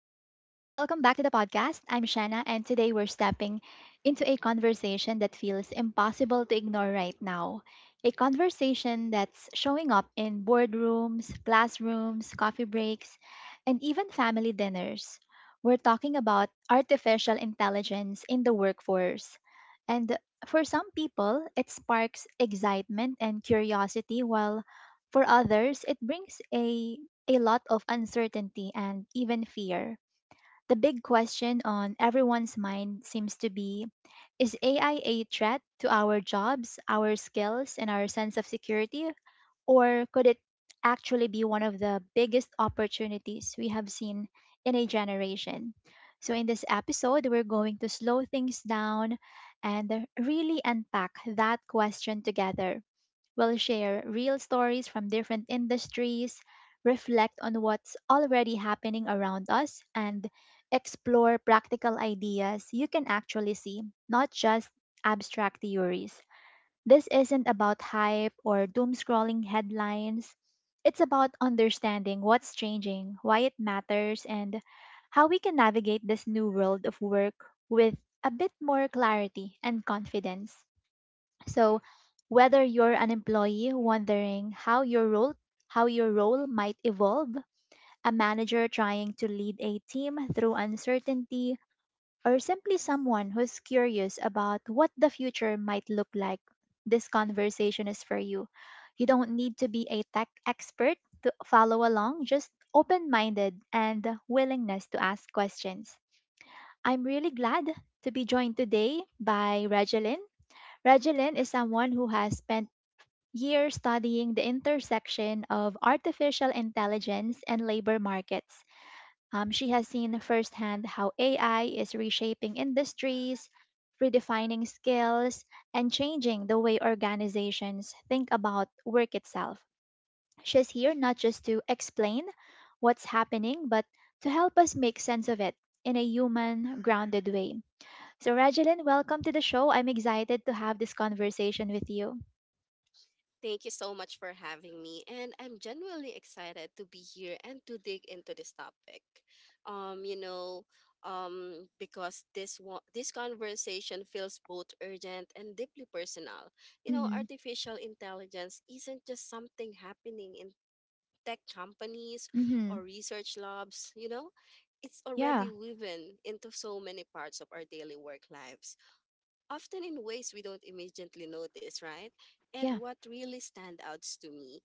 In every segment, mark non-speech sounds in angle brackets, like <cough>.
welcome back to the podcast. I'm Shanna, and today we're stepping into a conversation that feels impossible to ignore right now. A conversation that's showing up in boardrooms, classrooms, coffee breaks, and even family dinners. We're talking about artificial intelligence in the workforce. And for some people, it sparks excitement and curiosity, while for others, it brings a lot of uncertainty and even fear. The big question on everyone's mind seems to be, is AI a threat to our jobs, our skills, and our sense of security? Or could it actually be one of the biggest opportunities we have seen in a generation? So in this episode, we're going to slow things down and really unpack that question together. We'll share real stories from different industries, reflect on what's already happening around us, and explore practical ideas you can actually see, not just abstract theories. This isn't about hype or doom scrolling headlines. It's about understanding what's changing, why it matters, and how we can navigate this new world of work with a bit more clarity and confidence. So whether you're an employee wondering how your role might evolve, a manager trying to lead a team through uncertainty, or simply someone who's curious about what the future might look like, this conversation is for you. You don't need to be a tech expert to follow along, just open-minded and willingness to ask questions. I'm really glad to be joined today by Regeline. Regeline is someone who has spent year studying the intersection of artificial intelligence and labor markets. She has seen firsthand how AI is reshaping industries, redefining skills, and changing the way organizations think about work itself. She's here not just to explain what's happening, but to help us make sense of it in a human, grounded way. So, Rajilin, welcome to the show. I'm excited to have this conversation with you. Thank you so much for having me. And I'm genuinely excited to be here and to dig into this topic. Um, you know, because this conversation feels both urgent and deeply personal. You know, Mm-hmm. artificial intelligence isn't just something happening in tech companies Mm-hmm. or research labs, you know, it's Yeah. already woven into so many parts of our daily work lives often in ways we don't immediately notice, right? And Yeah. what really stands out to me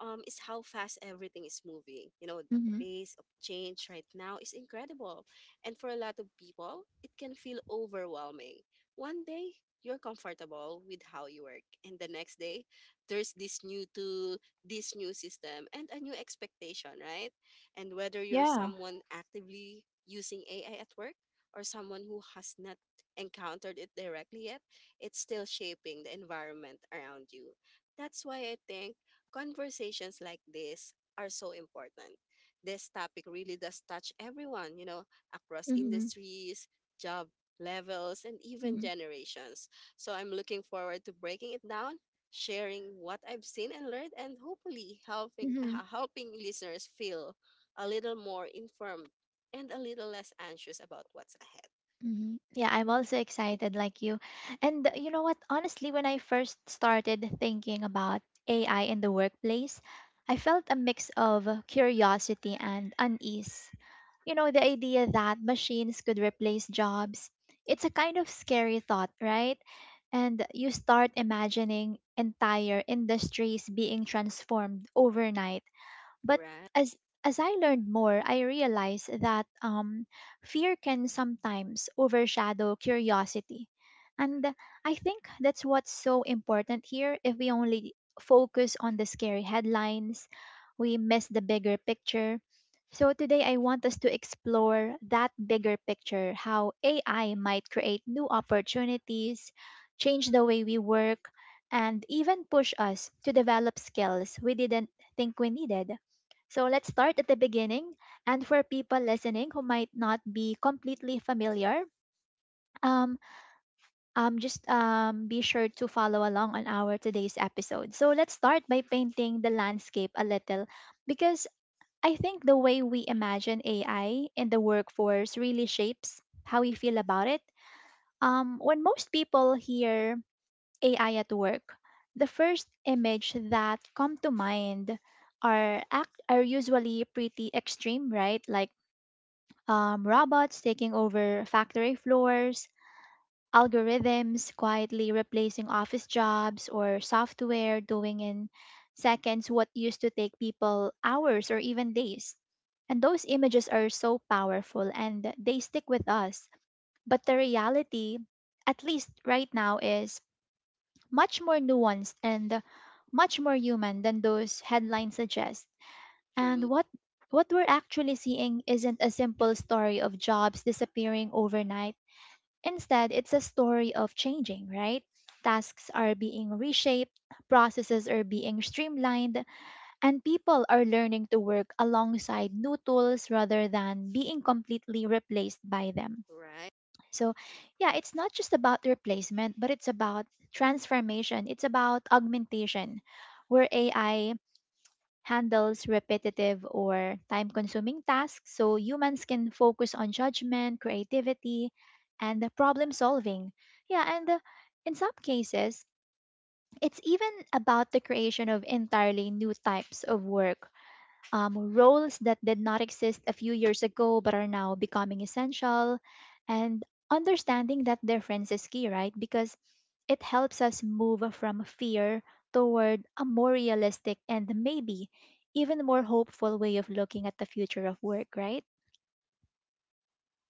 is how fast everything is moving. You know, the Mm-hmm. pace of change right now is incredible. And for a lot of people, it can feel overwhelming. One day, you're comfortable with how you work, and the next day, there's this new tool, this new system, and a new expectation, right? And whether you're Yeah. someone actively using AI at work or someone who has not encountered it directly yet, it's still shaping the environment around you. That's why I think conversations like this are so important. This topic really does touch everyone, you know, across Mm-hmm. industries, job levels, and even Mm-hmm. generations. So I'm looking forward to breaking it down sharing what I've seen and learned, and hopefully helping Mm-hmm. <laughs> helping listeners feel a little more informed and a little less anxious about what's ahead. Hmm. Yeah, I'm also excited like you. And you know what? Honestly, when I first started thinking about AI in the workplace, I felt a mix of curiosity and unease. You know, the idea that machines could replace jobs, it's a kind of scary thought, right? And you start imagining entire industries being transformed overnight, but Right? as as I learned more, I realized that, fear can sometimes overshadow curiosity. And I think that's what's so important here. If we only focus on the scary headlines, we miss the bigger picture. So today I want us to explore that bigger picture, how AI might create new opportunities, change the way we work, and even push us to develop skills we didn't think we needed. So let's start at the beginning. And for people listening who might not be completely familiar, um, just be sure to follow along on our today's episode. So let's start by painting the landscape a little, because I think the way we imagine AI in the workforce really shapes how we feel about it. When most people hear AI at work, the first image that come to mind are usually pretty extreme, right? Robots taking over factory floors, algorithms quietly replacing office jobs, or software doing in seconds what used to take people hours or even days. And those images are so powerful and they stick with us. But the reality, at least right now, is much more nuanced and much more human than those headlines suggest, and True. what we're actually seeing isn't a simple story of jobs disappearing overnight. Instead, it's a story of changing, right? Tasks are being reshaped, processes are being streamlined, and people are learning to work alongside new tools rather than being completely replaced by them. Right, So, yeah, it's not just about replacement, but it's about transformation, it's about augmentation, where AI handles repetitive or time consuming tasks so humans can focus on judgment, creativity, and the problem solving. Yeah, and in some cases, it's even about the creation of entirely new types of work, roles that did not exist a few years ago but are now becoming essential, and understanding that difference is key, right? Because it helps us move from fear toward a more realistic and maybe even more hopeful way of looking at the future of work, right?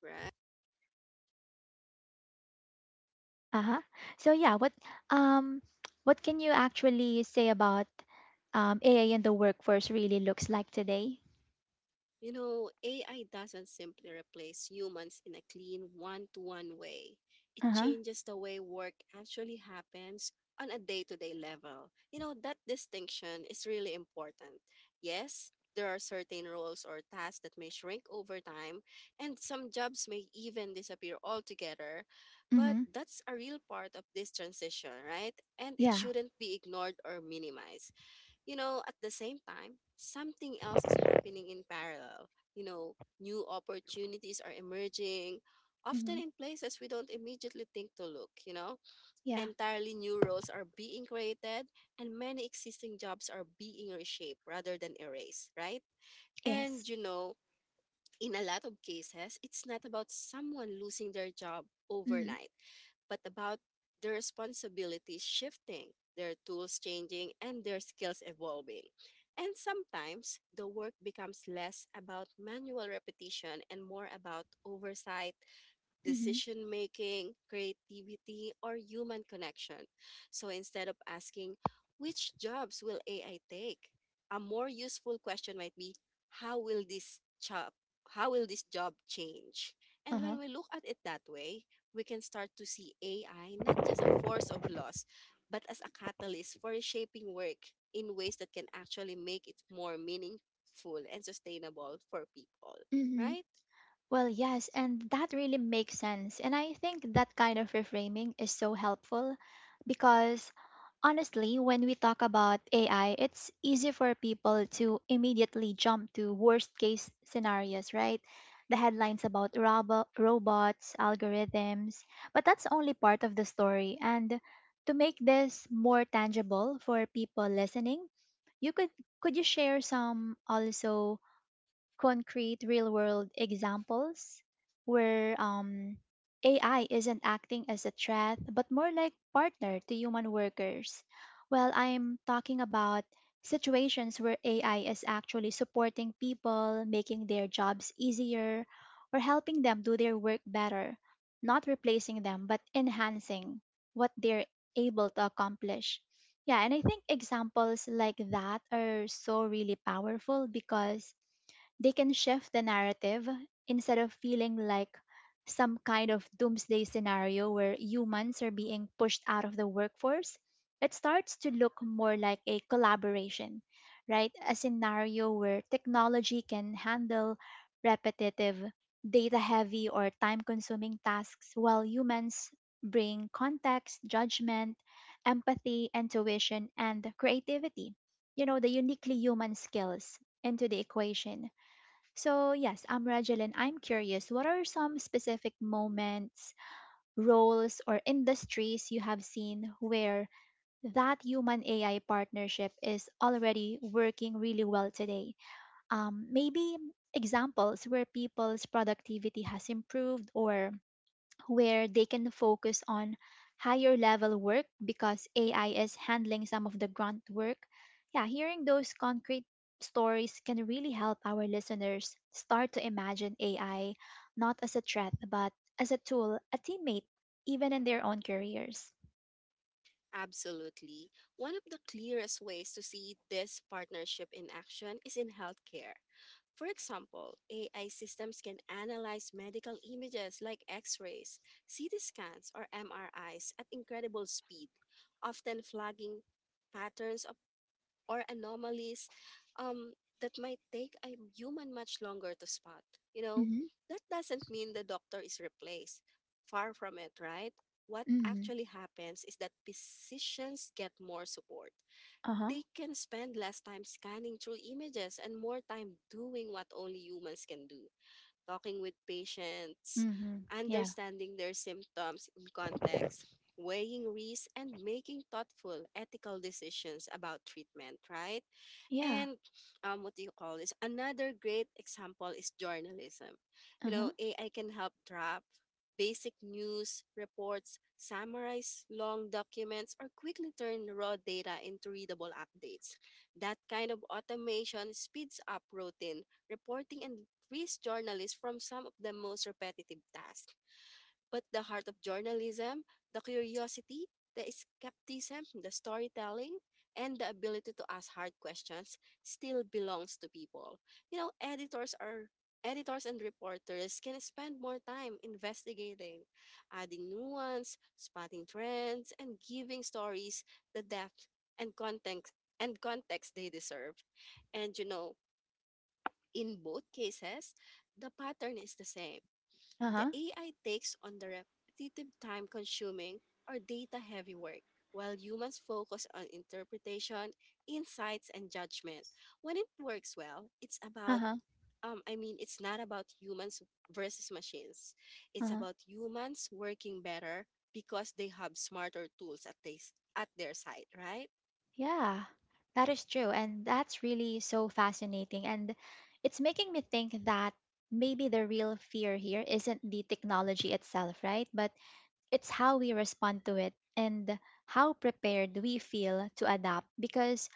right. Uh-huh. So yeah, um what can you actually say about, AI in the workforce really looks like today? You know, AI doesn't simply replace humans in a clean one to one way. It Uh-huh. changes the way work actually happens on a day to day level. You know, that distinction is really important. Yes, there are certain roles or tasks that may shrink over time, and some jobs may even disappear altogether. But Mm-hmm. that's a real part of this transition, right? And it Yeah. shouldn't be ignored or minimized. You know, at the same time, something else is happening in parallel. You know, new opportunities are emerging, often Mm-hmm. in places we don't immediately think to look, you know. Yeah. Entirely new roles are being created, and many existing jobs are being reshaped rather than erased, right? And, Yes. you know, in a lot of cases, it's not about someone losing their job Mm-hmm. overnight, but about their responsibilities shifting, their tools changing, and their skills evolving. And sometimes the work becomes less about manual repetition and more about oversight, Mm-hmm. decision making, creativity, or human connection. So instead of asking, which jobs will AI take? A more useful question might be, how will this job how will this job change? And Uh-huh. when we look at it that way, we can start to see AI not just a force of loss, but as a catalyst for reshaping work in ways that can actually make it more meaningful and sustainable for people, Hmm. right? Well, yes, and that really makes sense. And I think that kind of reframing is so helpful, because honestly, when we talk about AI, it's easy for people to immediately jump to worst case scenarios, right? The headlines about robots, algorithms, but that's only part of the story. And to make this more tangible for people listening, you could you share some also concrete real world examples where, AI isn't acting as a threat, but more like partner to human workers. Well, I'm talking about situations where AI is actually supporting people, making their jobs easier, or helping them do their work better, not replacing them, but enhancing what they're able to accomplish. Yeah, and I think examples like that are so really powerful, because they can shift the narrative. Instead of feeling like some kind of doomsday scenario where humans are being pushed out of the workforce, it starts to look more like a collaboration, right? A scenario where technology can handle repetitive, data heavy, or time consuming tasks while humans bring context, judgment, empathy, intuition, and creativity, you know, the uniquely human skills into the equation. So, yes, I'm Rajal and I'm curious, what are some specific moments, roles, or industries you have seen where that human AI partnership is already working really well today? Maybe examples where people's productivity has improved or where they can focus on higher level work because AI is handling some of the grunt work. Yeah, hearing those concrete stories can really help our listeners start to imagine AI not as a threat, but as a tool, a teammate, even in their own careers. Absolutely. One of the clearest ways to see this partnership in action is in healthcare. For example, AI systems can analyze medical images like x rays, CT scans, or MRIs at incredible speed, often flagging patterns of or anomalies um, that might take a human much longer to spot. You know, Mm-hmm. that doesn't mean the doctor is replaced. Far from it, right? What Mm-hmm. actually happens is that physicians get more support. Uh-huh. They can spend less time scanning through images and more time doing what only humans can do talking with patients, Mm-hmm. Yeah. understanding their symptoms in context, weighing risks, and making thoughtful, ethical decisions about treatment, right? Yeah. And what do you call this? Another great example is journalism. You Uh-huh. know, AI can help draft basic news reports, summarize long documents, or quickly turn raw data into readable updates. That kind of automation speeds up routine reporting and frees journalists from some of the most repetitive tasks. But the heart of journalism, the curiosity, the skepticism, the storytelling, and the ability to ask hard questions still belongs to people. You know, editors and reporters can spend more time investigating, adding nuance, spotting trends, and giving stories the depth and context they deserve. And you know, in both cases, the pattern is the same the Uh-huh. AI takes on the repetitive, time consuming, or data heavy work, while humans focus on interpretation, insights, and judgment. When it works well, it's about Uh-huh. I mean, it's not about humans versus machines. It's Uh-huh. about humans working better because they have smarter tools at their side, right? Yeah, that is true. And that's really so fascinating. And it's making me think that maybe the real fear here isn't the technology itself, right? But it's how we respond to it and how prepared we feel to adapt. Because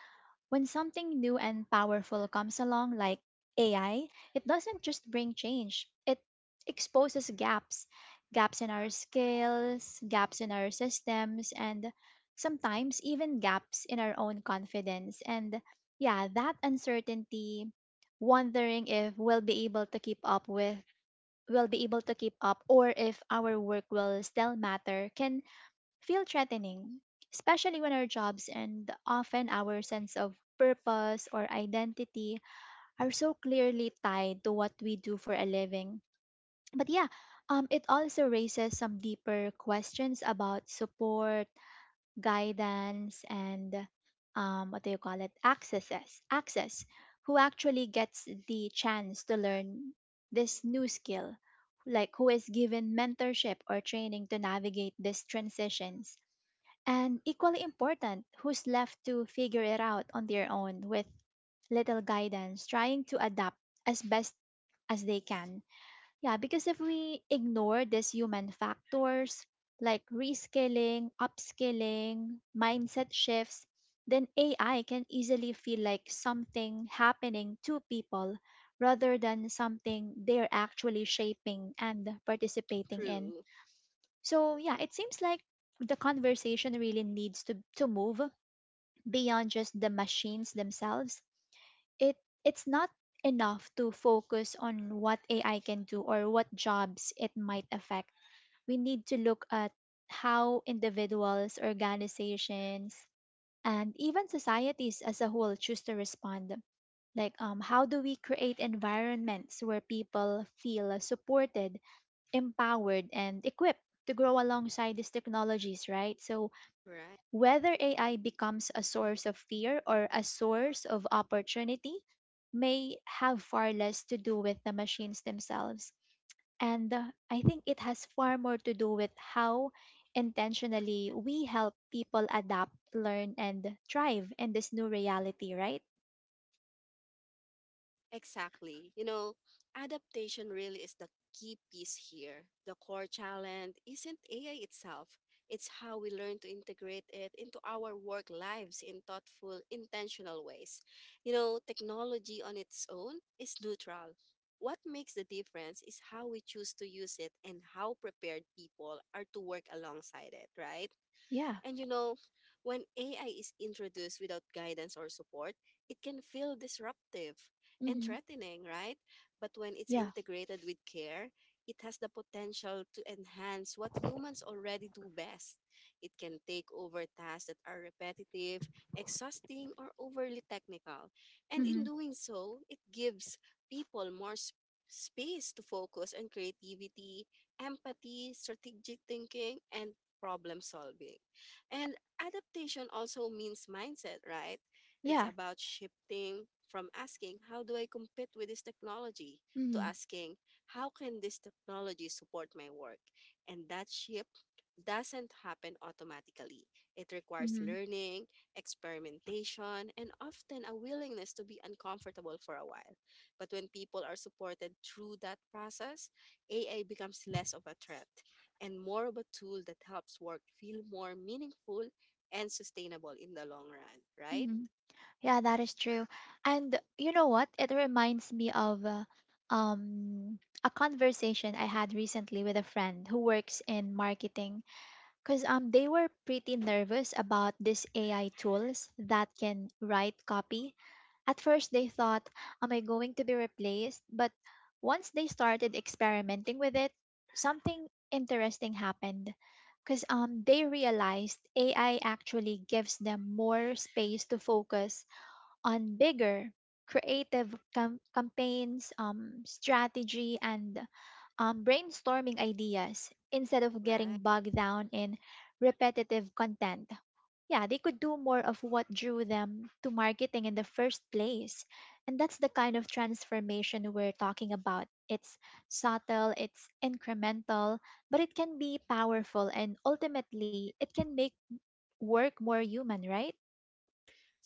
when something new and powerful comes along, like AI, it doesn't just bring change, it exposes gaps in our skills, gaps in our systems, and sometimes even gaps in our own confidence. And yeah, that uncertainty, wondering if we'll be able to keep up with, we'll be able to keep up, or if our work will still matter, can feel threatening, especially when our jobs and often our sense of purpose or identity are so clearly tied to what we do for a living. But yeah, it also raises some deeper questions about support, guidance, and, what do you call it? Access. Who actually gets the chance to learn this new skill? Like, who is given mentorship or training to navigate these transitions? And equally important, who's left to figure it out on their own with little guidance, trying to adapt as best as they can. Yeah, because if we ignore these human factors like reskilling, upskilling, mindset shifts, then AI can easily feel like something happening to people rather than something they're actually shaping and participating in. True, So yeah, it seems like the conversation really needs to move beyond just the machines themselves. It it's not enough to focus on what AI can do or what jobs it might affect. We need to look at how individuals, organizations, and even societies as a whole choose to respond. Like, how do we create environments where people feel supported, empowered, and equipped to grow alongside these technologies, right? So right? whether AI becomes a source of fear or a source of opportunity may have far less to do with the machines themselves. And I think it has far more to do with how intentionally we help people adapt, learn, and thrive in this new reality, right? Exactly. You know, adaptation really is the key piece here. The core challenge isn't AI itself, it's how we learn to integrate it into our work lives in thoughtful, intentional ways. You know, technology on its own is neutral. What makes the difference is how we choose to use it and how prepared people are to work alongside it, right? Yeah. And you know, when AI is introduced without guidance or support, it can feel disruptive and Hmm. threatening, right? But when it's Yeah. integrated with care, it has the potential to enhance what humans already do best. It can take over tasks that are repetitive, exhausting, or overly technical. And in Hmm. doing so, it gives people more space to focus on creativity, empathy, strategic thinking, and problem solving. And adaptation also means mindset, right? It's Yeah. about shifting from asking, how do I compete with this technology, to Hmm. asking, how can this technology support my work? And that shift doesn't happen automatically. It requires Hmm. learning, experimentation, and often a willingness to be uncomfortable for a while. But when people are supported through that process, AI becomes less of a threat and more of a tool that helps work feel more meaningful and sustainable in the long run, right? Hmm. Yeah, that is true. And you know what? It reminds me of, a conversation I had recently with a friend who works in marketing, because they were pretty nervous about these AI tools that can write copy. At first they thought, am I going to be replaced? But once they started experimenting with it, something interesting happened. Because, they realized AI actually gives them more space to focus on bigger creative campaigns, strategy, and, brainstorming ideas instead of Right. getting bogged down in repetitive content. Yeah, they could do more of what drew them to marketing in the first place. And that's the kind of transformation we're talking about. It's subtle, it's incremental, but it can be powerful, and ultimately it can make work more human, right?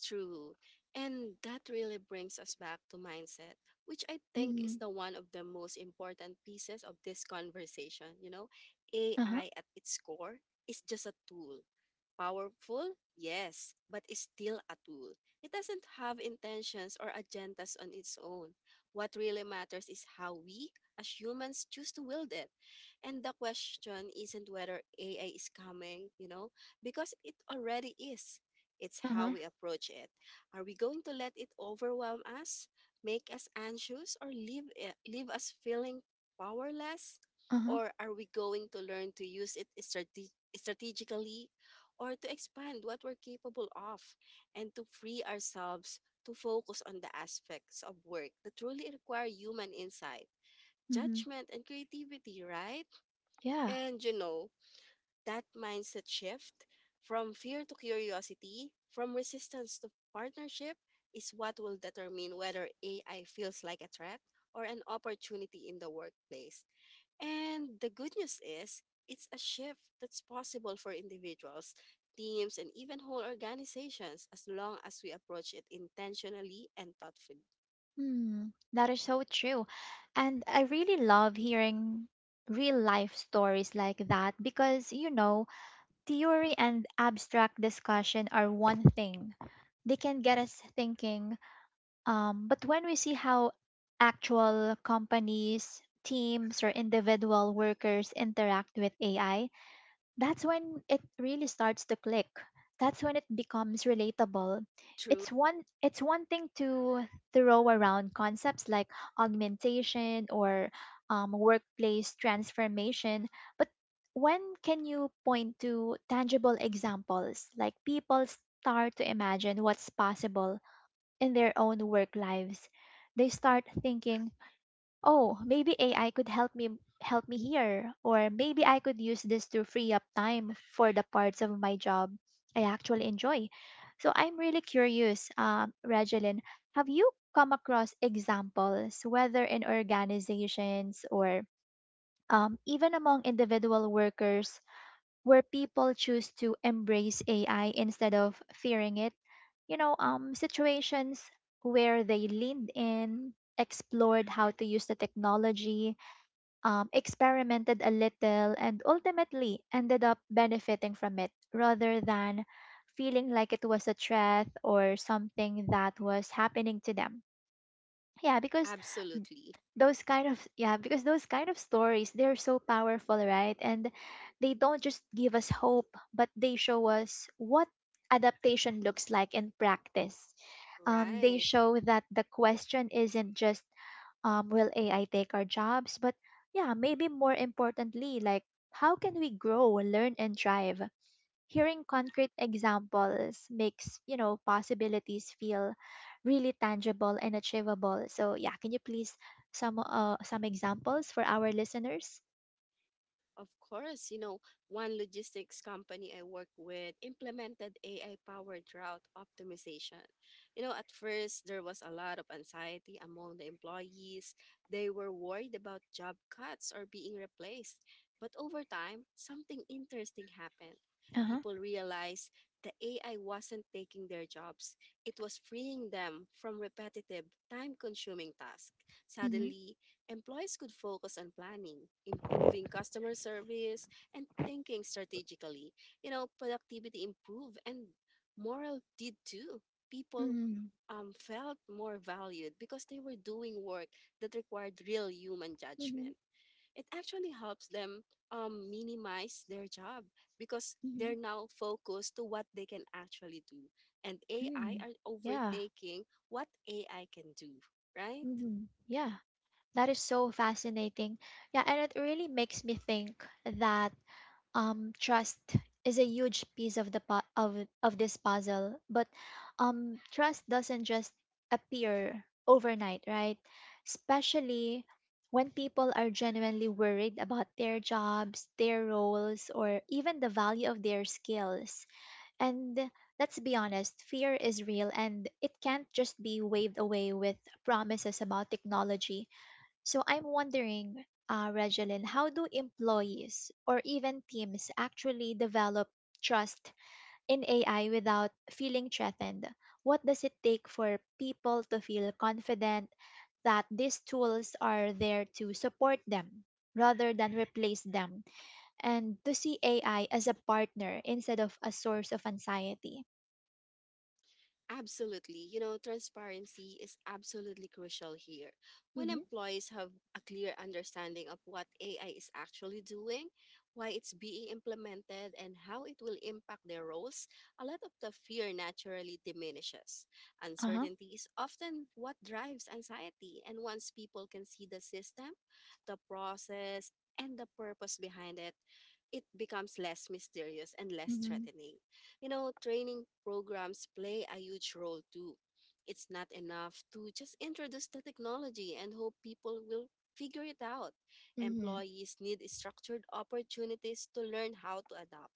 True. And that really brings us back to mindset, which I think is Mm-hmm. the one of the most important pieces of this conversation. You know, Uh huh. AI at its core is just a tool, Powerful? Yes, but is still a tool. It doesn't have intentions or agendas on its own. What really matters is how we, as humans, choose to wield it. And the question isn't whether AI is coming, you know, because it already is. Uh It's how huh. we approach it. Are we going to let it overwhelm us, make us anxious, or leave us feeling powerless? Uh Or are we going to learn to use it strategically or to expand what we're capable of and to free ourselves to focus on the aspects of work that truly require human insight, huh. judgment, and creativity, right? Yeah. And you know, that mindset shift from fear to curiosity, from resistance to partnership, is what will determine whether AI feels like a threat or an opportunity in the workplace. And the good news is, it's a shift that's possible for individuals, teams, and even whole organizations as long as we approach it intentionally and thoughtfully. Hmm, that is so true. And I really love hearing real life stories like that because, you know, theory and abstract discussion are one thing. They can get us thinking. But when we see how actual companies, teams, or individual workers interact with AI, that's when it really starts to click. That's when it becomes relatable. It's True? one it's one thing to throw around concepts like augmentation or workplace transformation, but when can you point to tangible examples, like people start to imagine what's possible in their own work lives? They start thinking, oh, maybe AI could help me here, or maybe I could use this to free up time for the parts of my job I actually enjoy. So I'm really curious, Regeline, have you come across examples, whether in organizations or, even among individual workers, where people choose to embrace AI instead of fearing it? You know, situations where they leaned in, explored how to use the technology, experimented a little, and ultimately ended up benefiting from it rather than feeling like it was a threat or something that was happening to them. Yeah, because Absolutely. Yeah, because those kind of stories, they're so powerful, right? And they don't just give us hope, but they show us what adaptation looks like in practice. They Right. show that the question isn't just, will AI take our jobs, but yeah, maybe more importantly, like, how can we grow, learn, and thrive? Hearing concrete examples makes, you know, possibilities feel really tangible and achievable. So yeah, can you please some examples for our listeners? Of course, you know, one logistics company I work with implemented AI powered route optimization. You know, at first there was a lot of anxiety among the employees. They were worried about job cuts or being replaced. But over time, something interesting happened. Uh-huh. People realized the AI wasn't taking their jobs, it was freeing them from repetitive, time consuming tasks. Mm-hmm. Suddenly, employees could focus on planning, improving customer service, and thinking strategically. You know, productivity improved and morale did too. People Mm-hmm. Felt more valued because they were doing work that required real human Mm-hmm. judgment. It actually helps them minimize their job because they're now focused to what they can actually do. And AI Mm-hmm. are Yeah. overtaking what AI can do, right? Mm-hmm. Yeah. That is so fascinating. Yeah, and it really makes me think that trust is a huge piece of the of this puzzle. But trust doesn't just appear overnight, right? Especially when people are genuinely worried about their jobs, their roles, or even the value of their skills. And let's be honest, fear is real, and it can't just be waved away with promises about technology. So I'm wondering, Regeline, how do employees or even teams actually develop trust in AI without feeling threatened? What does it take for people to feel confident that these tools are there to support them rather than replace them, and to see AI as a partner instead of a source of anxiety? Absolutely. You know, transparency is absolutely crucial here. When Mm-hmm. employees have a clear understanding of what AI is actually doing, why it's being implemented, and how it will impact their roles, a lot of the fear naturally diminishes. Uh-huh. Uncertainty is often what drives anxiety, and once people can see the system, the process, and the purpose behind it, it becomes less mysterious and less Mm-hmm. threatening. You know, training programs play a huge role too. It's not enough to just introduce the technology and hope people will figure it out. Mm-hmm. Employees need structured opportunities to learn how to adapt,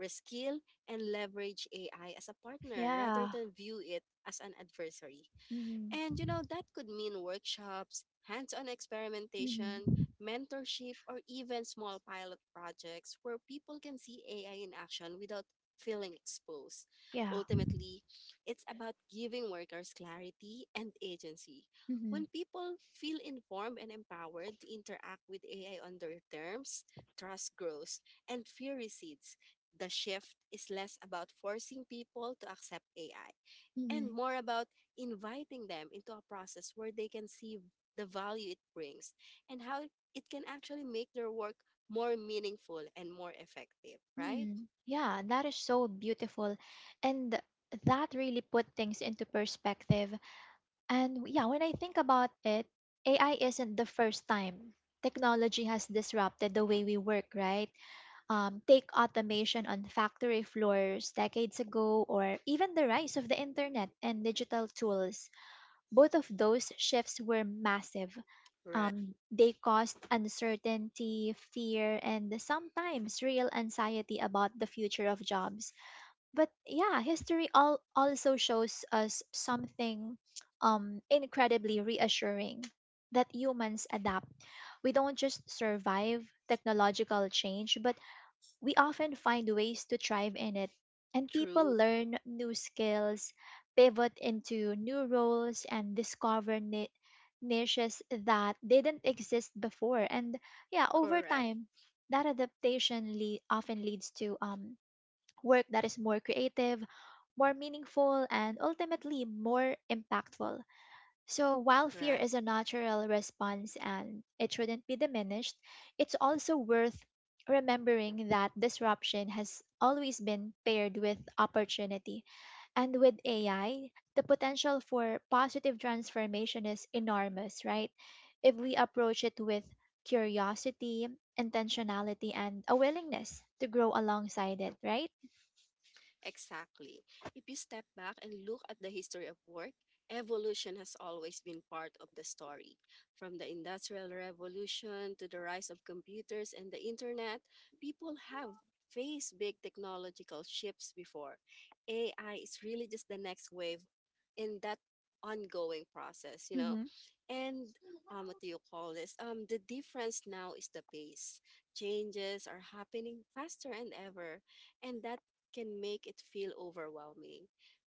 reskill, and leverage AI as a partner rather Yeah. than view it as an adversary. Mm-hmm. And you know, that could mean workshops, hands on experimentation, Mm-hmm. mentorship, or even small pilot projects where people can see AI in action without feeling exposed. Yeah. Ultimately, it's about giving workers clarity and agency. When people feel informed and empowered to interact with AI on their terms, trust grows and fear recedes. The shift is less about forcing people to accept AI Mm-hmm. and more about inviting them into a process where they can see the value it brings and how it can actually make their work more meaningful and more effective, right? Mm, yeah, that is so beautiful. And that really put things into perspective. And yeah, when I think about it, AI isn't the first time technology has disrupted the way we work, right? Take automation on factory floors decades ago, or even the rise of the internet and digital tools. Both of those shifts were massive. Right. They caused uncertainty, fear, and sometimes real anxiety about the future of jobs. But yeah, history all also shows us something incredibly reassuring, that humans adapt. We don't just survive technological change, but we often find ways to thrive in it, and people True. learn new skills, pivot into new roles, and discover niches that didn't exist before. And yeah, over Correct. time, that adaptation often leads to work that is more creative, more meaningful, and ultimately more impactful. So, while fear Right. is a natural response and it shouldn't be diminished, it's also worth remembering that disruption has always been paired with opportunity. And with AI, the potential for positive transformation is enormous, right? If we approach it with curiosity, intentionality, and a willingness to grow alongside it, right? Exactly. If you step back and look at the history of work, evolution has always been part of the story. From the Industrial Revolution to the rise of computers and the internet, people have faced big technological shifts before. AI is really just the next wave in that ongoing process, you know? Hmm. And what do you call this? The difference now is the pace. Changes are happening faster and ever and that can make it feel overwhelming.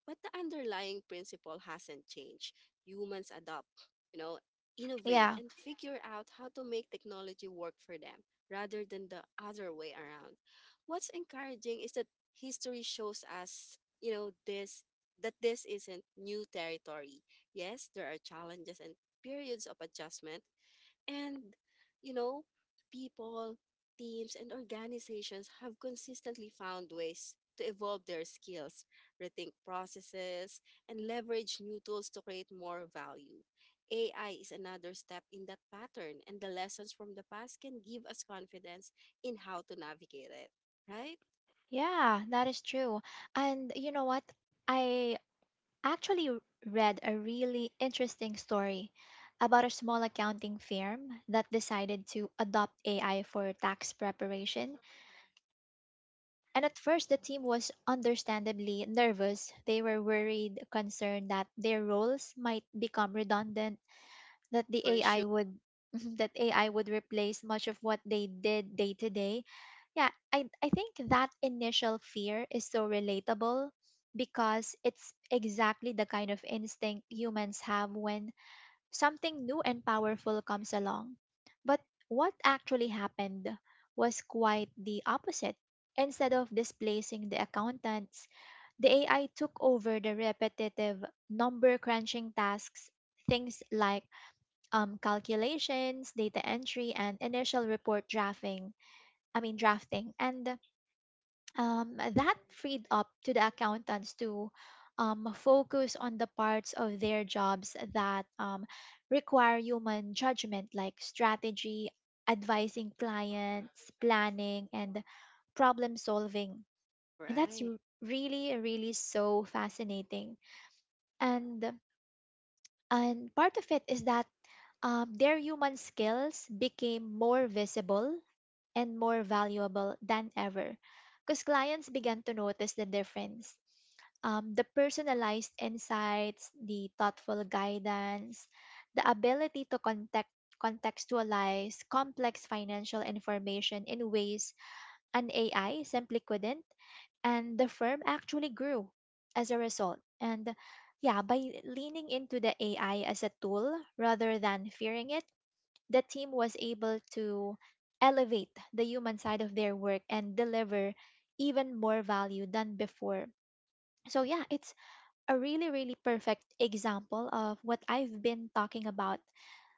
But the underlying principle hasn't changed. Humans adopt, you know, innovate, Yeah, and figure out how to make technology work for them rather than the other way around. What's encouraging is that history shows us, you know, this that this isn't new territory. Yes, there are challenges and periods of adjustment, and, you know, people, teams, and organizations have consistently found ways to evolve their skills, rethink processes, and leverage new tools to create more value. AI is another step in that pattern, and the lessons from the past can give us confidence in how to navigate it, right? yeah, that is true. And you know what? I actually read a really interesting story about a small accounting firm that decided to adopt AI for tax preparation. And at first, the team was understandably nervous. They were worried, concerned that their roles might become redundant, that the For sure, AI would <laughs> that AI would replace much of what they did day to day. Yeah, I think that initial fear is so relatable because it's exactly the kind of instinct humans have when something new and powerful comes along. But what actually happened was quite the opposite. Instead of displacing the accountants, the AI took over the repetitive number crunching tasks, things like calculations, data entry, and initial report drafting. I mean, drafting. And that freed up to the accountants to focus on the parts of their jobs that require human judgment, like strategy, advising clients, planning, and problem solving. And that's right? Really, really so fascinating. And and part of it is that their human skills became more visible and more valuable than ever, because clients began to notice the difference. The personalized insights, the thoughtful guidance, the ability to contextualize complex financial information in ways an AI simply couldn't, and the firm actually grew as a result. And yeah, by leaning into the AI as a tool rather than fearing it, the team was able to elevate the human side of their work and deliver even more value than before. So yeah, it's a really really perfect example of what I've been talking about.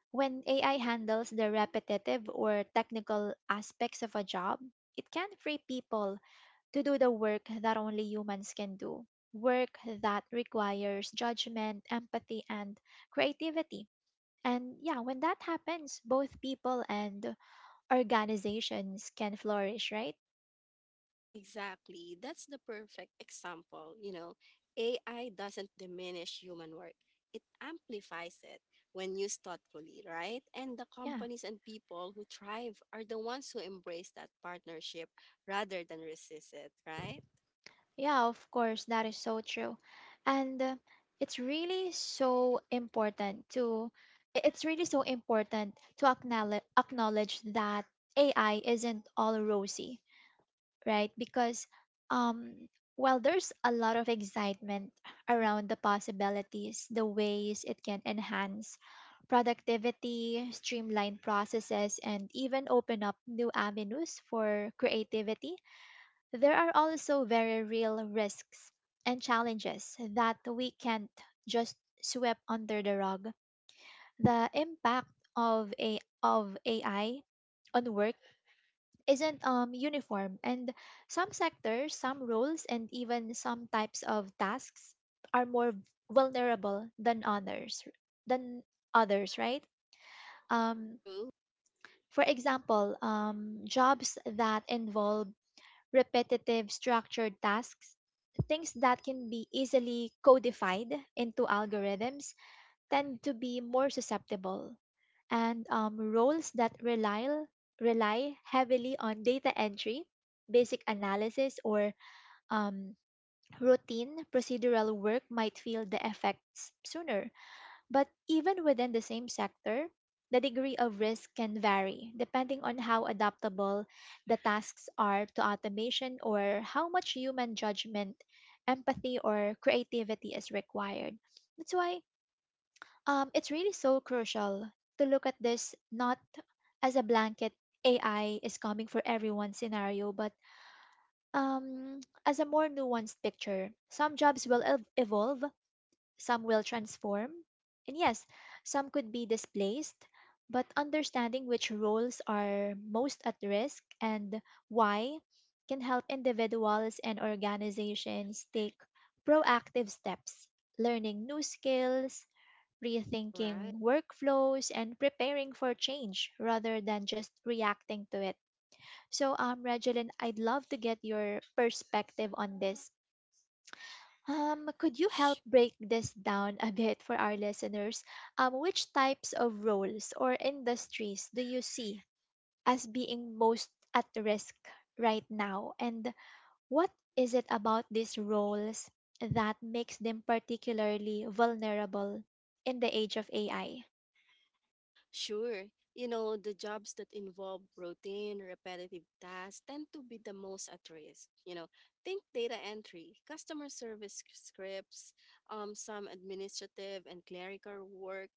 When AI handles the repetitive or technical aspects of a job, it can free people to do the work that only humans can do, work that requires judgment, empathy, and creativity. And yeah, when that happens, both people and organizations can flourish, right? Exactly. That's the perfect example. You know, AI doesn't diminish human work, it amplifies it when used thoughtfully, right? And the Yeah. companies and people who thrive are the ones who embrace that partnership rather than resist it, right? Yeah, of course, that is so true. And it's really so important to it's really so important to acknowledge that AI isn't all rosy, right? Because um, while there's a lot of excitement around the possibilities, the ways it can enhance productivity, streamline processes, and even open up new avenues for creativity, there are also very real risks and challenges that we can't just sweep under the rug. The impact of a of AI on work isn't uniform, and some sectors, some roles, and even some types of tasks are more vulnerable than others. Than right? Um, True. for example, jobs that involve repetitive, structured tasks, things that can be easily codified into algorithms, tend to be more susceptible, and roles that rely heavily on data entry, basic analysis, or um, routine procedural work might feel the effects sooner. But even within the same sector, the degree of risk can vary depending on how adaptable the tasks are to automation or how much human judgment, empathy, or creativity is required. That's why it's really so crucial to look at this not as a blanket "AI is coming for everyone" scenario, but um, as a more nuanced picture. Some jobs will evolve, some will transform, and yes, some could be displaced. But understanding which roles are most at risk and why can help individuals and organizations take proactive steps, learning new skills, Right. rethinking workflows, and preparing for change rather than just reacting to it. So, Regeline, I'd love to get your perspective on this. Could you help break this down a bit for our listeners? Which types of roles or industries do you see as being most at risk right now? And what is it about these roles that makes them particularly vulnerable in the age of AI? Sure. You know, the jobs that involve routine, repetitive tasks tend to be the most at risk. You know, think data entry, customer service scripts, some administrative and clerical work,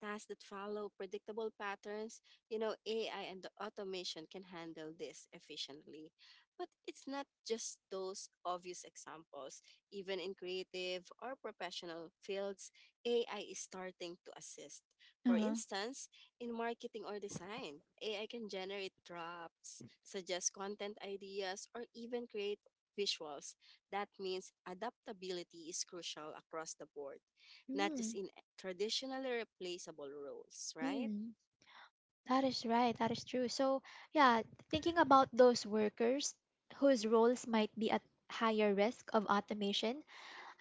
tasks that follow predictable patterns. You know, AI and the automation can handle this efficiently. But it's not just those obvious examples. Even in creative or professional fields, AI is starting to assist. For Uh-huh. instance, in marketing or design, AI can generate drafts, suggest content ideas, or even create visuals. That means adaptability is crucial across the board, not just Mm, in traditionally replaceable roles, right? mm. That is right. That is true. So, yeah, thinking about those workers whose roles might be at higher risk of automation,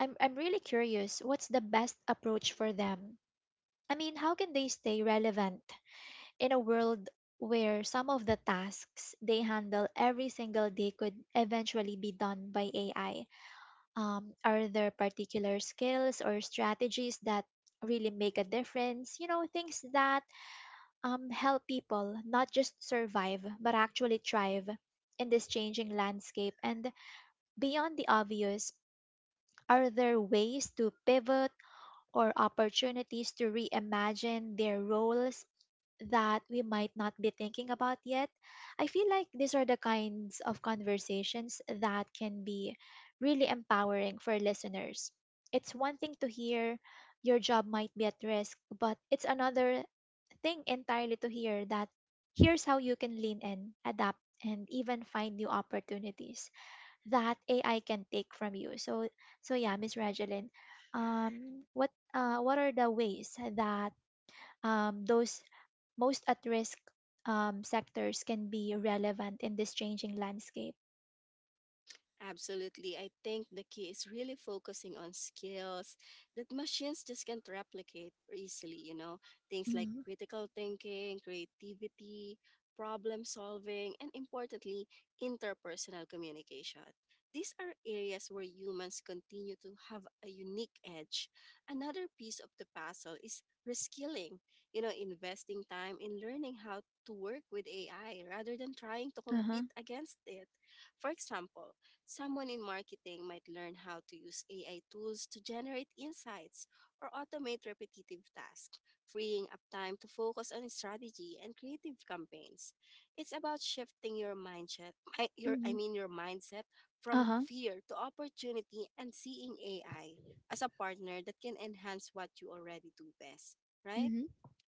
I'm really curious, what's the best approach for them? I mean, how can they stay relevant in a world where some of the tasks they handle every single day could eventually be done by AI? Are there particular skills or strategies that really make a difference? You know, things that help people not just survive, but actually thrive in this changing landscape? And beyond the obvious, are there ways to pivot or opportunities to reimagine their roles that we might not be thinking about yet? I feel like these are the kinds of conversations that can be really empowering for listeners. It's one thing to hear your job might be at risk, but it's another thing entirely to hear that here's how you can lean in, adapt, and even find new opportunities that AI can take from you. So yeah, Miss Regeline, what are the ways that those most at risk sectors can be relevant in this changing landscape? Absolutely. I think the key is really focusing on skills that machines just can't replicate easily, you know, things like Mm-hmm. critical thinking, creativity, problem solving, and importantly, interpersonal communication. These are areas where humans continue to have a unique edge. Another piece of the puzzle is reskilling, you know, investing time in learning how to work with AI rather than trying to Uh huh. compete against it. For example, someone in marketing might learn how to use AI tools to generate insights or automate repetitive tasks, freeing up time to focus on strategy and creative campaigns. It's about shifting your mindset, mi- your I Mm-hmm. mean your mindset from Uh fear to opportunity and seeing AI as a partner that can enhance what you already do best, right? huh.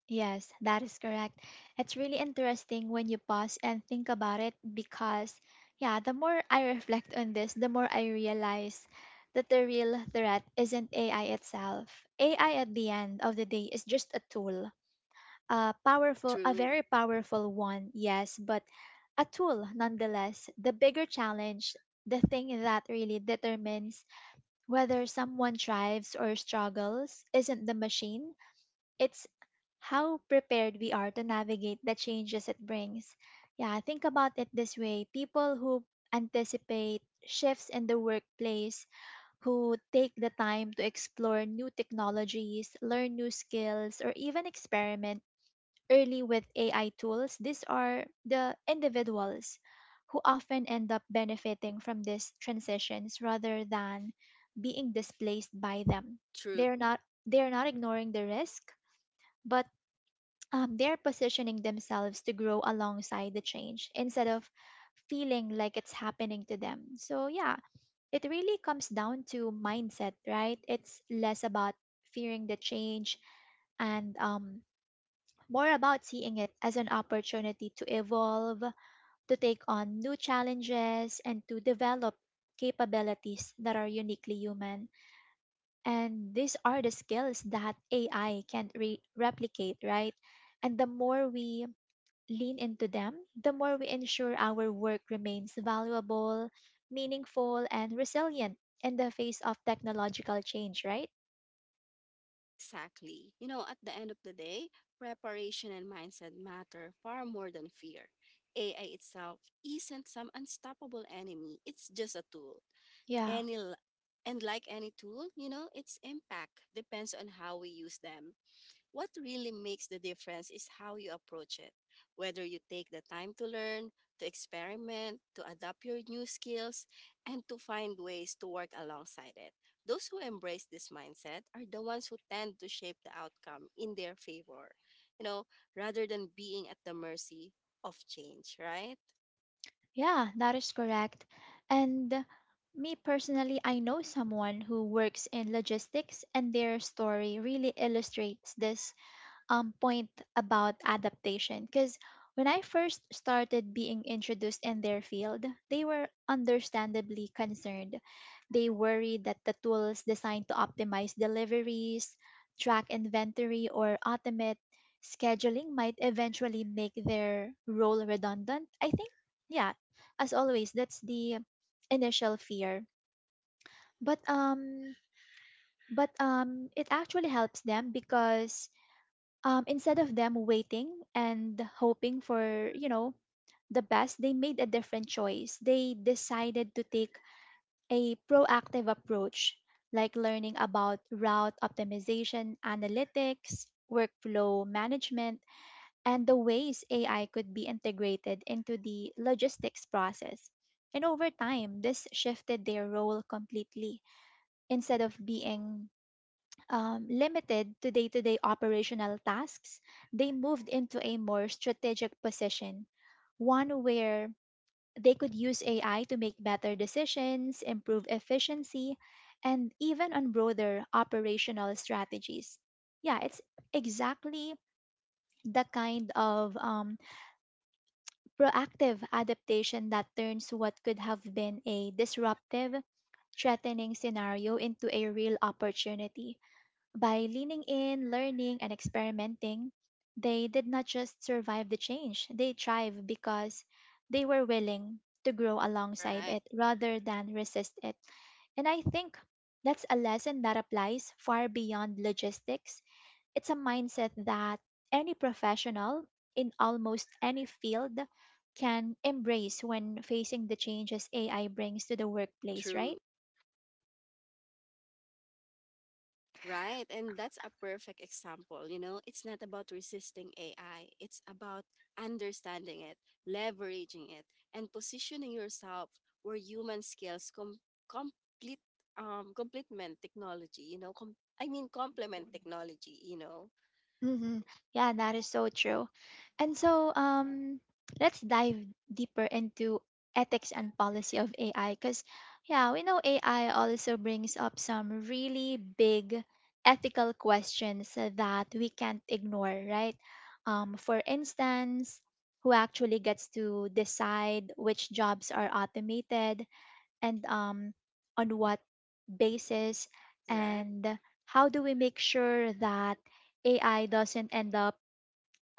Yes, that is correct. It's really interesting when you pause and think about it because, yeah, the more I <laughs> reflect on this, the more I realize that the real threat isn't AI itself. AI at the end of the day is just a tool, a powerful, a True, very powerful one, yes, but a tool nonetheless. The bigger challenge, the thing that really determines whether someone thrives or struggles, isn't the machine. It's how prepared we are to navigate the changes it brings. Yeah, think about it this way, people who anticipate shifts in the workplace, who take the time to explore new technologies, learn new skills, or even experiment early with AI tools, these are the individuals who often end up benefiting from these transitions rather than being displaced by them. true. They're not they're not ignoring the risk, but they're positioning themselves to grow alongside the change instead of feeling like it's happening to them. So, yeah, it really comes down to mindset, right? It's less about fearing the change and more about seeing it as an opportunity to evolve, to take on new challenges, and to develop capabilities that are uniquely human. And these are the skills that AI can't replicate, right? And the more we lean into them, the more we ensure our work remains valuable, meaningful, and resilient in the face of technological change, right? Exactly. You know, at the end of the day, preparation and mindset matter far more than fear. AI itself isn't some unstoppable enemy, it's just a tool. Yeah, Any, l- and like any tool, you know, its impact depends on how we use them. What really makes the difference is how you approach it. Whether you take the time to learn, to experiment, to adapt your new skills, and to find ways to work alongside it. Those who embrace this mindset are the ones who tend to shape the outcome in their favor, you know, rather than being at the mercy of change, right? yeah, that is correct. And me personally, I know someone who works in logistics, and their story really illustrates this point about adaptation because when I first started being introduced in their field, they were understandably concerned. They worried that the tools designed to optimize deliveries, track inventory, or automate scheduling might eventually make their role redundant. I think, yeah, as always, that's the initial fear. But um, but it actually helps them because instead of them waiting and hoping for the best, they made a different choice. They decided to take a proactive approach, like learning about route optimization, analytics, workflow management, and the ways AI could be integrated into the logistics process. And over time, this shifted their role completely. Instead of being limited to day operational tasks, they moved into a more strategic position, one where they could use AI to make better decisions, improve efficiency, and even on broader operational strategies. Yeah, it's exactly the kind of proactive adaptation that turns what could have been a disruptive, threatening scenario into a real opportunity. By leaning in, learning, and experimenting, they did not just survive the change, they thrived because they were willing to grow alongside Right. it rather than resist it. And I think that's a lesson that applies far beyond logistics. It's a mindset that any professional in almost any field can embrace when facing the changes AI brings to the workplace, right? True. Right. And that's a perfect example. You know, it's not about resisting AI, it's about understanding it, leveraging it, and positioning yourself where human skills com- complete complement technology, you know, I mean complement technology, you know. Mm-hmm. Yeah, that is so true. And so, um, let's dive deeper into ethics and policy of AI because, yeah, we know AI also brings up some really big ethical questions that we can't ignore, right? For instance, who actually gets to decide which jobs are automated and on what basis, Right. and how do we make sure that AI doesn't end up,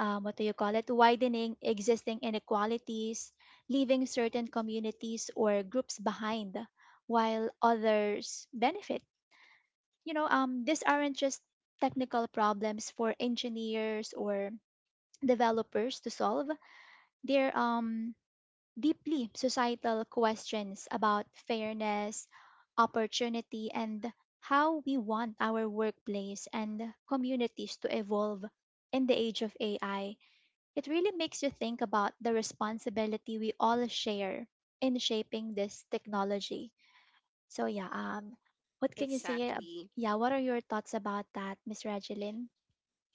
what do you call it, widening existing inequalities, leaving certain communities or groups behind while others benefit? These aren't just technical problems for engineers or developers to solve. They're deeply societal questions about fairness, opportunity, and how we want our workplace and communities to evolve in the age of AI. It really makes you think about the responsibility we all share in shaping this technology. So yeah, what can you say? Exactly. Yeah, what are your thoughts about that, Miss Regeline?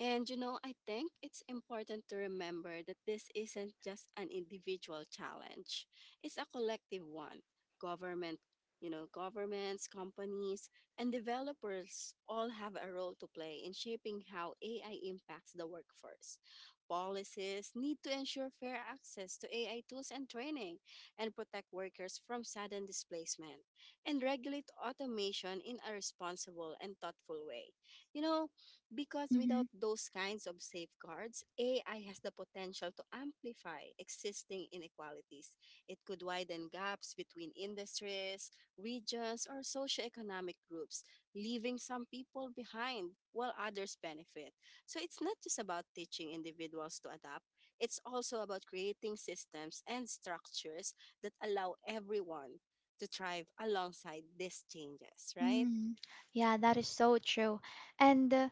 And you know, I think it's important to remember that this isn't just an individual challenge. It's a collective one. Government, governments, companies, and developers all have a role to play in shaping how AI impacts the workforce. Policies need to ensure fair access to AI tools and training and protect workers from sudden displacement and regulate automation in a responsible and thoughtful way. You know, because Mm-hmm. without those kinds of safeguards, AI has the potential to amplify existing inequalities. It could widen gaps between industries, regions, or socioeconomic groups, leaving some people behind while others benefit. So it's not just about teaching individuals to adapt, it's also about creating systems and structures that allow everyone to thrive alongside these changes, right? Mm, yeah, that is so true. And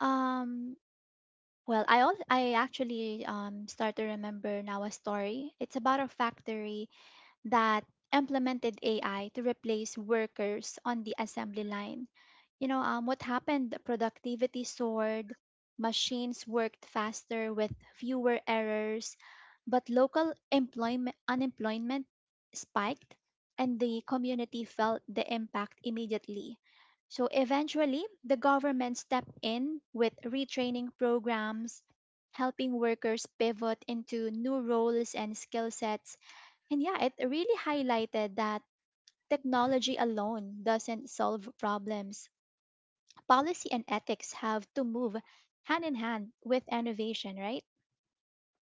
um, Well, I actually start to remember now a story. It's about a factory that implemented AI to replace workers on the assembly line. You know, what happened? Productivity soared, machines worked faster with fewer errors, but local employment unemployment spiked, and the community felt the impact immediately. So eventually, the government stepped in with retraining programs, helping workers pivot into new roles and skill sets. And yeah, it really highlighted that technology alone doesn't solve problems. Policy and ethics have to move hand in hand with innovation, right?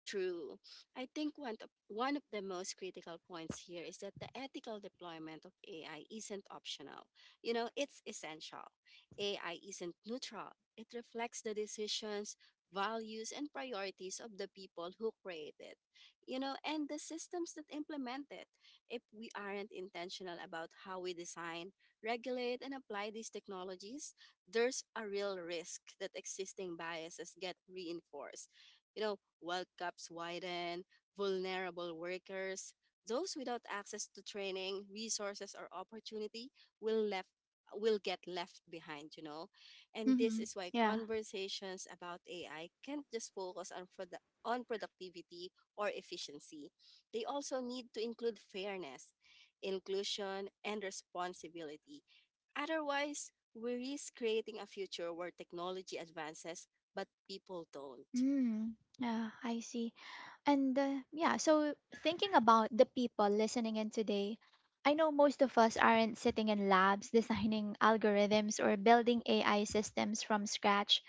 True. I think one of the most critical points here is that the ethical deployment of AI isn't optional. You know, it's essential. AI isn't neutral. It reflects the decisions, values, and priorities of the people who create it. You know, and the systems that implement it. If we aren't intentional about how we design, regulate, and apply these technologies, there's a real risk that existing biases get reinforced, you know, World Cups widen, vulnerable workers, those without access to training, resources, or opportunity will left will get left behind, you know. And this Mm-hmm. is why Yeah. conversations about AI can't just focus on productivity or efficiency. They also need to include fairness, inclusion, and responsibility. Otherwise, we risk creating a future where technology advances but people don't. Mm, yeah, I see. And yeah, so thinking about the people listening in today, I know most of us aren't sitting in labs <laughs> designing algorithms or building AI systems from scratch,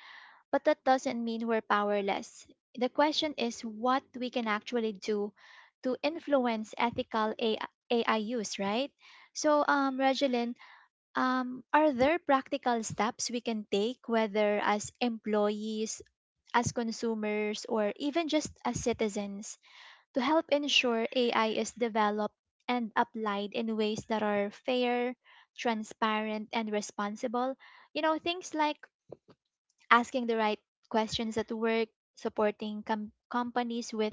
but that doesn't mean we're powerless. The question is what we can actually do to influence ethical AI use, right? So, Regelin, are there practical steps we can take, whether as employees, as consumers, or even just as citizens, to help ensure AI is developed and applied in ways that are fair, transparent, and responsible? You know, things like asking the right questions at work, supporting companies with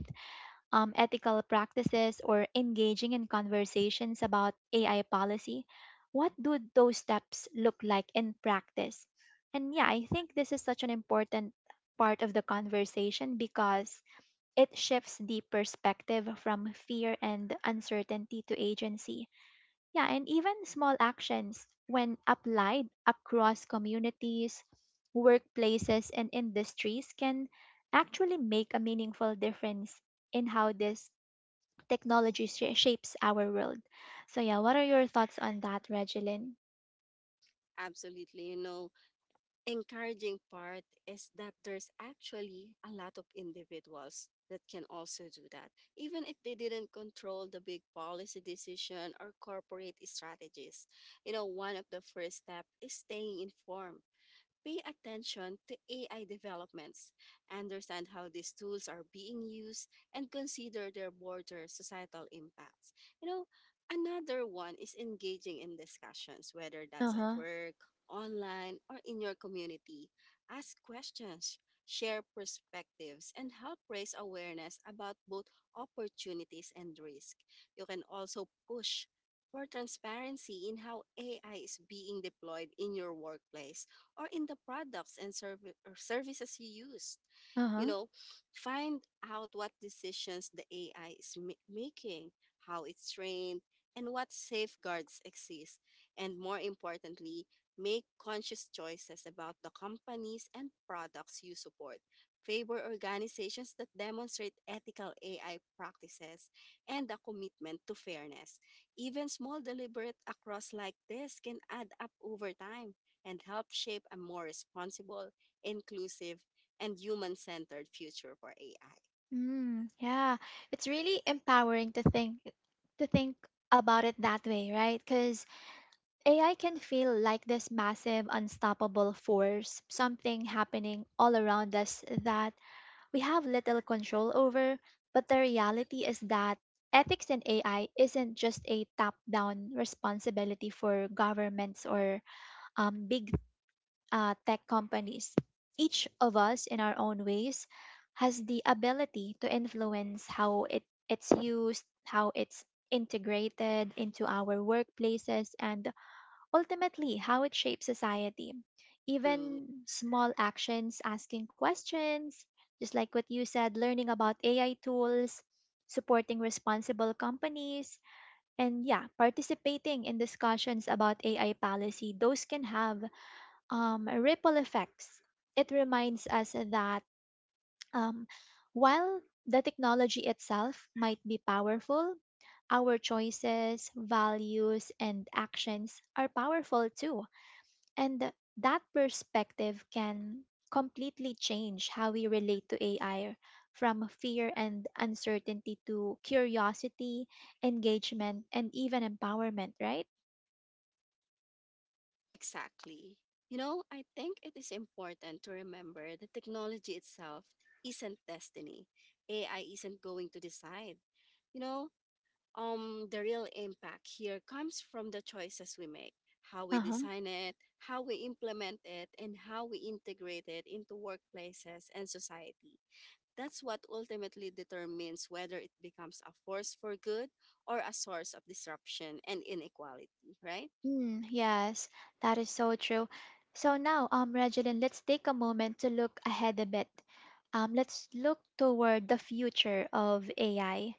ethical practices, or engaging in conversations about AI policy, what do those steps look like in practice? And yeah, I think this is such an important part of the conversation because it shifts the perspective from fear and uncertainty to agency. Yeah, and even small actions, when applied across communities, workplaces, and industries, can actually make a meaningful difference in how this technology shapes our world. So yeah, what are your thoughts on that, Regilyn? Absolutely. You know, encouraging part is that there's actually a lot of individuals that can also do that, even if they didn't control the big policy decision or corporate strategies. You know, one of the first step is staying informed. Pay attention to AI developments, understand how these tools are being used, and consider their broader societal impacts. You know, another one is engaging in discussions, whether Uh that's at huh. work, online, or in your community. Ask questions, share perspectives, and help raise awareness about both opportunities and risk. You can also push for transparency in how AI is being deployed in your workplace or in the products and serv- or services you used. Uh You huh. know, find out what decisions the AI is making, how it's trained, and what safeguards exist. And more importantly, make conscious choices about the companies and products you support. Favor organizations that demonstrate ethical AI practices and a commitment to fairness. Even small deliberate across like this can add up over time and help shape a more responsible, inclusive, and human centered future for AI. Mm, yeah, it's really empowering to think about it that way, right? Because AI can feel like this massive, unstoppable force, something happening all around us that we have little control over. But the reality is that ethics in AI isn't just a top-down responsibility for governments or big tech companies. Each of us, in our own ways, has the ability to influence how it's used, how it's integrated into our workplaces, and ultimately how it shapes society. True, Even small actions, asking questions, just like what you said, learning about AI tools, supporting responsible companies, and yeah, participating in discussions about AI policy, those can have ripple effects. It reminds us that um, while the technology itself might be powerful, our choices, values, and actions are powerful too. And that perspective can completely change how we relate to AI, from fear and uncertainty to curiosity, engagement, and even empowerment, right? exactly. You know, I think it is important to remember that technology itself isn't destiny. AI isn't going to decide. You know, the real impact here comes from the choices we make, how we Uh-huh. design it, how we implement it, and how we integrate it into workplaces and society. That's what ultimately determines whether it becomes a force for good or a source of disruption and inequality, right? Mm, yes, that is so true. So now, Regeline, let's take a moment to look ahead a bit. Let's look toward the future of AI,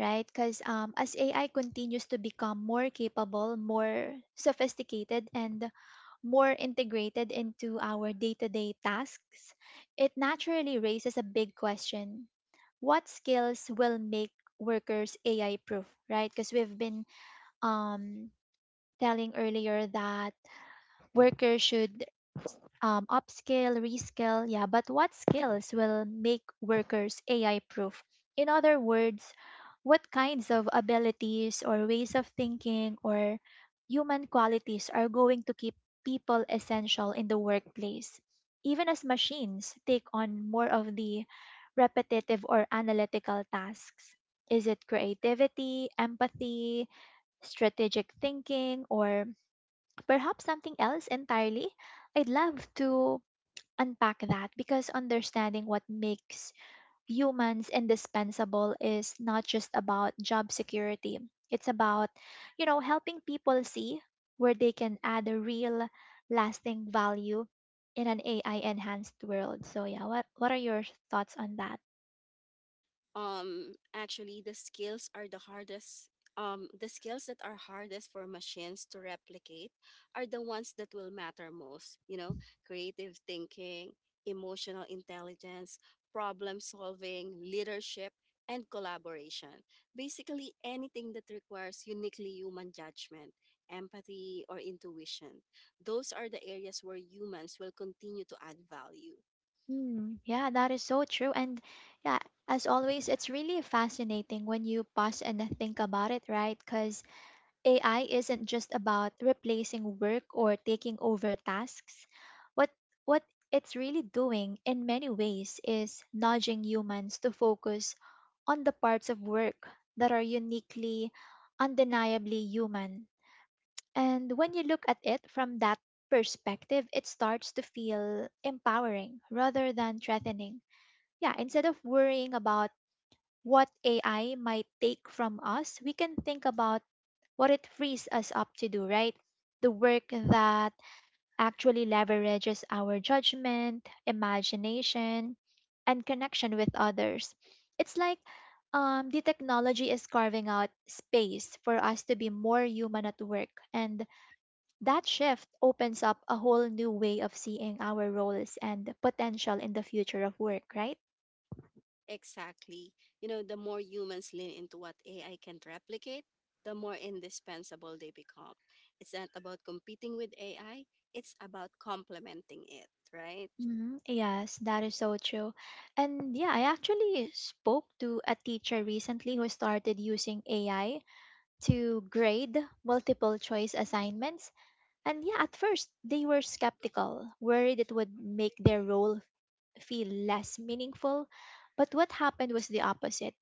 right? Because as AI continues to become more capable, more sophisticated, and more integrated into our day-to-day tasks, it naturally raises a big question. What skills will make workers AI proof, right? Because we've been um, telling earlier that workers should upskill, reskill, yeah, but what skills will make workers AI proof? In other words, what kinds of abilities or ways of thinking or human qualities are going to keep people essential in the workplace, even as machines take on more of the repetitive or analytical tasks? Is it creativity, empathy, strategic thinking, or perhaps something else entirely? I'd love to unpack that because understanding what makes humans indispensable is not just about job security. It's about, helping people see where they can add a real lasting value in an AI enhanced world. So yeah, what are your thoughts on that? Actually, the skills that are hardest for machines to replicate are the ones that will matter most. You know, creative thinking, emotional intelligence, problem solving, leadership, and collaboration, basically anything that requires uniquely human judgment, empathy, or intuition. Those are the areas where humans will continue to add value. Mm, yeah, that is so true. And yeah, as always, it's really fascinating when you pause and think about it, right? Because AI isn't just about replacing work or taking over tasks. What what it's really doing in many ways is nudging humans to focus on the parts of work that are uniquely, undeniably human. And when you look at it from that perspective, it starts to feel empowering rather than threatening. Yeah, instead of worrying about what AI might take from us, we can think about what it frees us up to do, right? The work that actually leverages our judgment, imagination, and connection with others. It's like the technology is carving out space for us to be more human at work. And that shift opens up a whole new way of seeing our roles and potential in the future of work, right? Exactly. You know, the more humans lean into what AI can replicate, the more indispensable they become. It's not about competing with AI, it's about complementing it, right? Mhm. Yes, that is so true. And yeah, I actually spoke to a teacher recently who started using AI to grade multiple choice assignments. And yeah, at first they were skeptical, worried it would make their role feel less meaningful. But what happened was the opposite.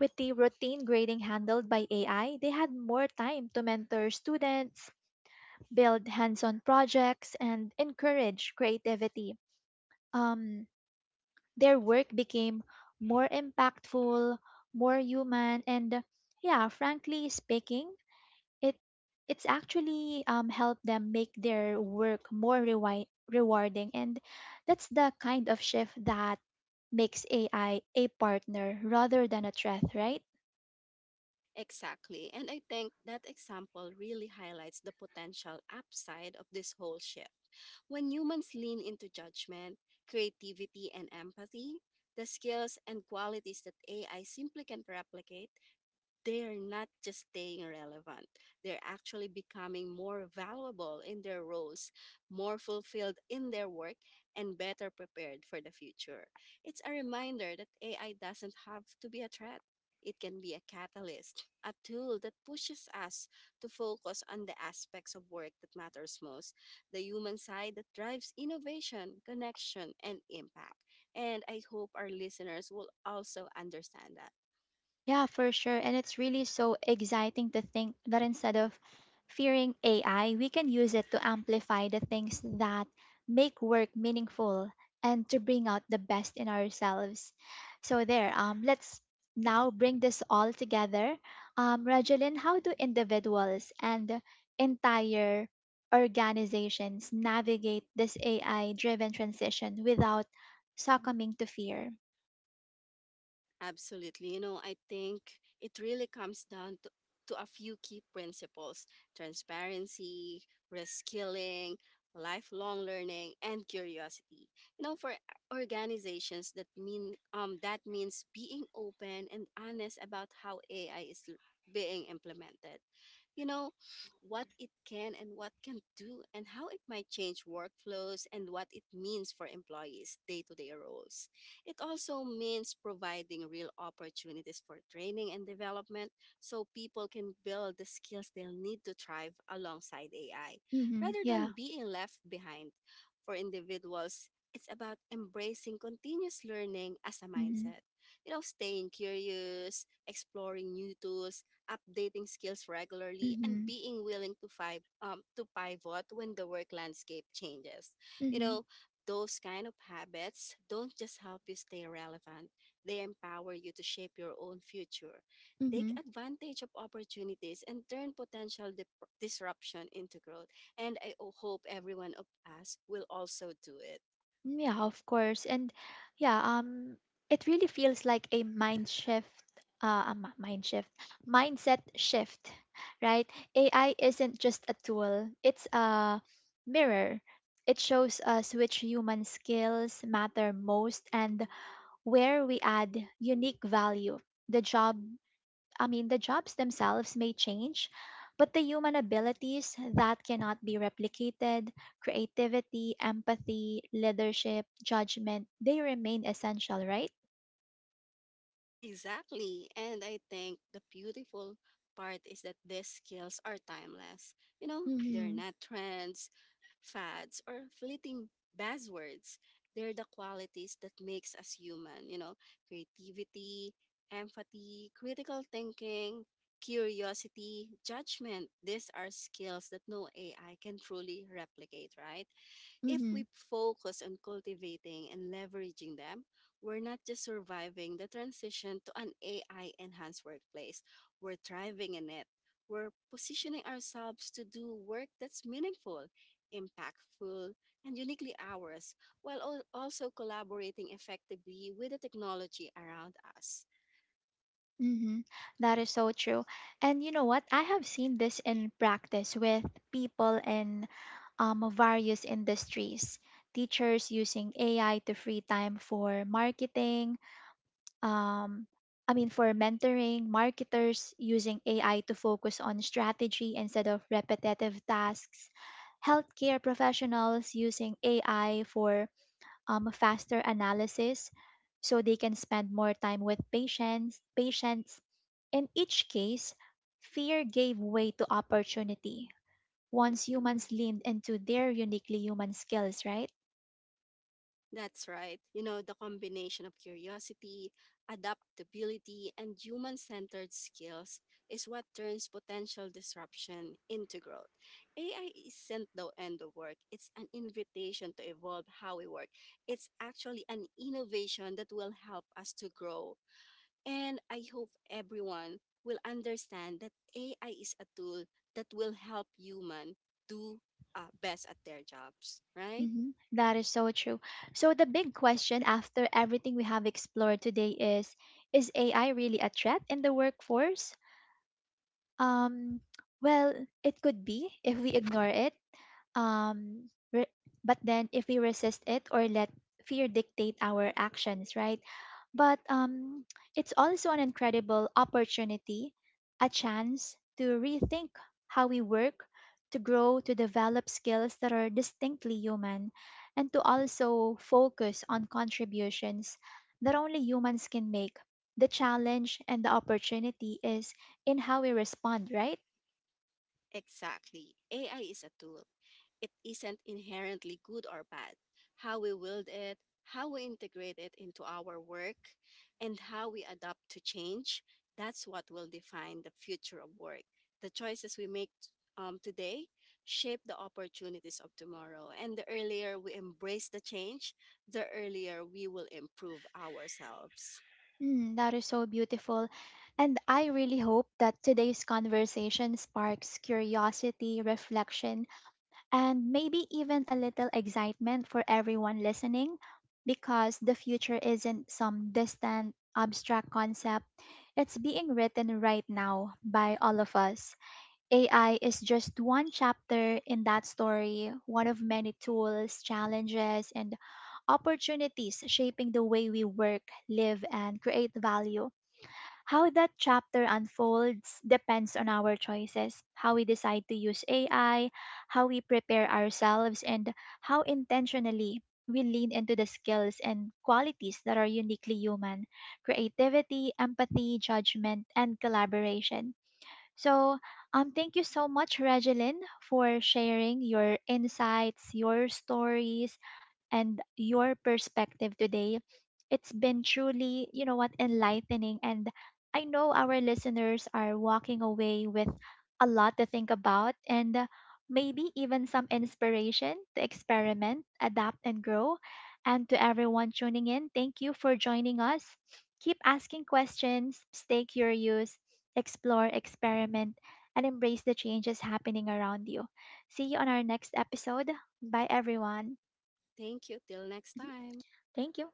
With the routine grading handled by AI, they had more time to mentor students, build hands on projects, and encourage creativity. Um, their work became more impactful, more human, and yeah, frankly speaking, it it's actually helped them make their work more rewarding, and that's the kind of shift that makes AI a partner rather than a threat, right? Exactly. And I think that example really highlights the potential upside of this whole shift. When humans lean into judgment, creativity, and empathy, the skills and qualities that AI simply can't replicate, they're not just staying relevant, they're actually becoming more valuable in their roles, more fulfilled in their work, and better prepared for the future. It's a reminder that AI doesn't have to be a threat. It can be a catalyst, a tool that pushes us to focus on the aspects of work that matters most, the human side that drives innovation, connection, and impact. And I hope our listeners will also understand that. Yeah, for sure. And it's really so exciting to think that instead of fearing AI, we can use it to amplify the things that make work meaningful and to bring out the best in ourselves. So there, let's now bring this all together. Rajalyn, how do individuals and entire organizations navigate this AI-driven transition without succumbing to fear? Absolutely. You know, I think it really comes down to a few key principles: transparency, reskilling, lifelong learning, and curiosity. You know, for organizations that means being open and honest about how AI is being implemented. You know, what it can and what can do and how it might change workflows and what it means for employees' day-to-day roles. It also means providing real opportunities for training and development so people can build the skills they'll need to thrive alongside AI Mm-hmm. rather Yeah. than being left behind. For individuals, it's about embracing continuous learning as a Mm-hmm. mindset. You know, staying curious, exploring new tools, updating skills regularly, and Mm-hmm. being willing to, to pivot when the work landscape changes. You Mm-hmm. know, those kind of habits don't just help you stay relevant, they empower you to shape your own future. Take Mm-hmm. advantage of opportunities and turn potential disruption into growth. And hope everyone of us will also do it. Yeah, of course. And yeah, it really feels like a mind shift, mindset shift, right? AI isn't just a tool, it's a mirror. It shows us which human skills matter most and where we add unique value. The job the jobs themselves may change, but the human abilities that cannot be replicated, creativity, empathy, leadership, judgment, they remain essential, right? Exactly. And I think the beautiful part is that these skills are timeless. You know, they're Mm-hmm. not trends, fads or fleeting buzzwords. They're the qualities that makes us human, you know, creativity, empathy, critical thinking, curiosity, judgment. These are skills that no AI can truly replicate, right? If Mm-hmm. we focus on cultivating and leveraging them, we're not just surviving the transition to an AI enhanced workplace, we're thriving in it. We're positioning ourselves to do work that's meaningful, impactful, and uniquely ours, while also collaborating effectively with the technology around us. Mm-hmm. That is so true. And you know what? I have seen this in practice with people in various industries. Teachers using AI to free time for marketing, um, I mean, for mentoring, marketers using AI to focus on strategy instead of repetitive tasks, healthcare professionals using AI for faster analysis so they can spend more time with patients. Patients. In each case, fear gave way to opportunity once humans leaned into their uniquely human skills, right? That's right. You know, the combination of curiosity, adaptability, and human centered skills is what turns potential disruption into growth. AI isn't the end of work, it's an invitation to evolve how we work. It's actually an innovation that will help us to grow. And I hope everyone will understand that AI is a tool that will help human do best at their jobs, right? Mhm. That is so true. So the big question after everything we have explored today is AI really a threat in the workforce? um, well, it could be if we ignore it. Um, re- but then if we resist it or let fear dictate our actions, right? But it's also an incredible opportunity, a chance to rethink how we work, to grow, to develop skills that are distinctly human, and to also focus on contributions that only humans can make. The challenge and the opportunity is in how we respond, right? Exactly. AI is a tool. It isn't inherently good or bad. How we wield it, how we integrate it into our work, and how we adapt to change, that's what will define the future of work. The choices we make today shape the opportunities of tomorrow. And the earlier we embrace the change, the earlier we will improve ourselves. Mm, that is so beautiful. And I really hope that today's conversation sparks curiosity, reflection, and maybe even a little excitement for everyone listening because the future isn't some distant, abstract concept. It's being written right now by all of us. AI is just one chapter in that story, one of many tools, challenges, and opportunities shaping the way we work, live, and create value. How that chapter unfolds depends on our choices, how we decide to use AI, how we prepare ourselves, and how intentionally we lean into the skills and qualities that are uniquely human, creativity, empathy, judgment, and collaboration. So, thank you so much, Regeline, for sharing your insights, your stories, and your perspective today. It's been truly, you know what, enlightening. And I know our listeners are walking away with a lot to think about and maybe even some inspiration to experiment, adapt, and grow. And to everyone tuning in, thank you for joining us. Keep asking questions, stay curious, explore, experiment, and embrace the changes happening around you. See you on our next episode. Bye, everyone. <laughs> Thank you. Till next time. Thank you.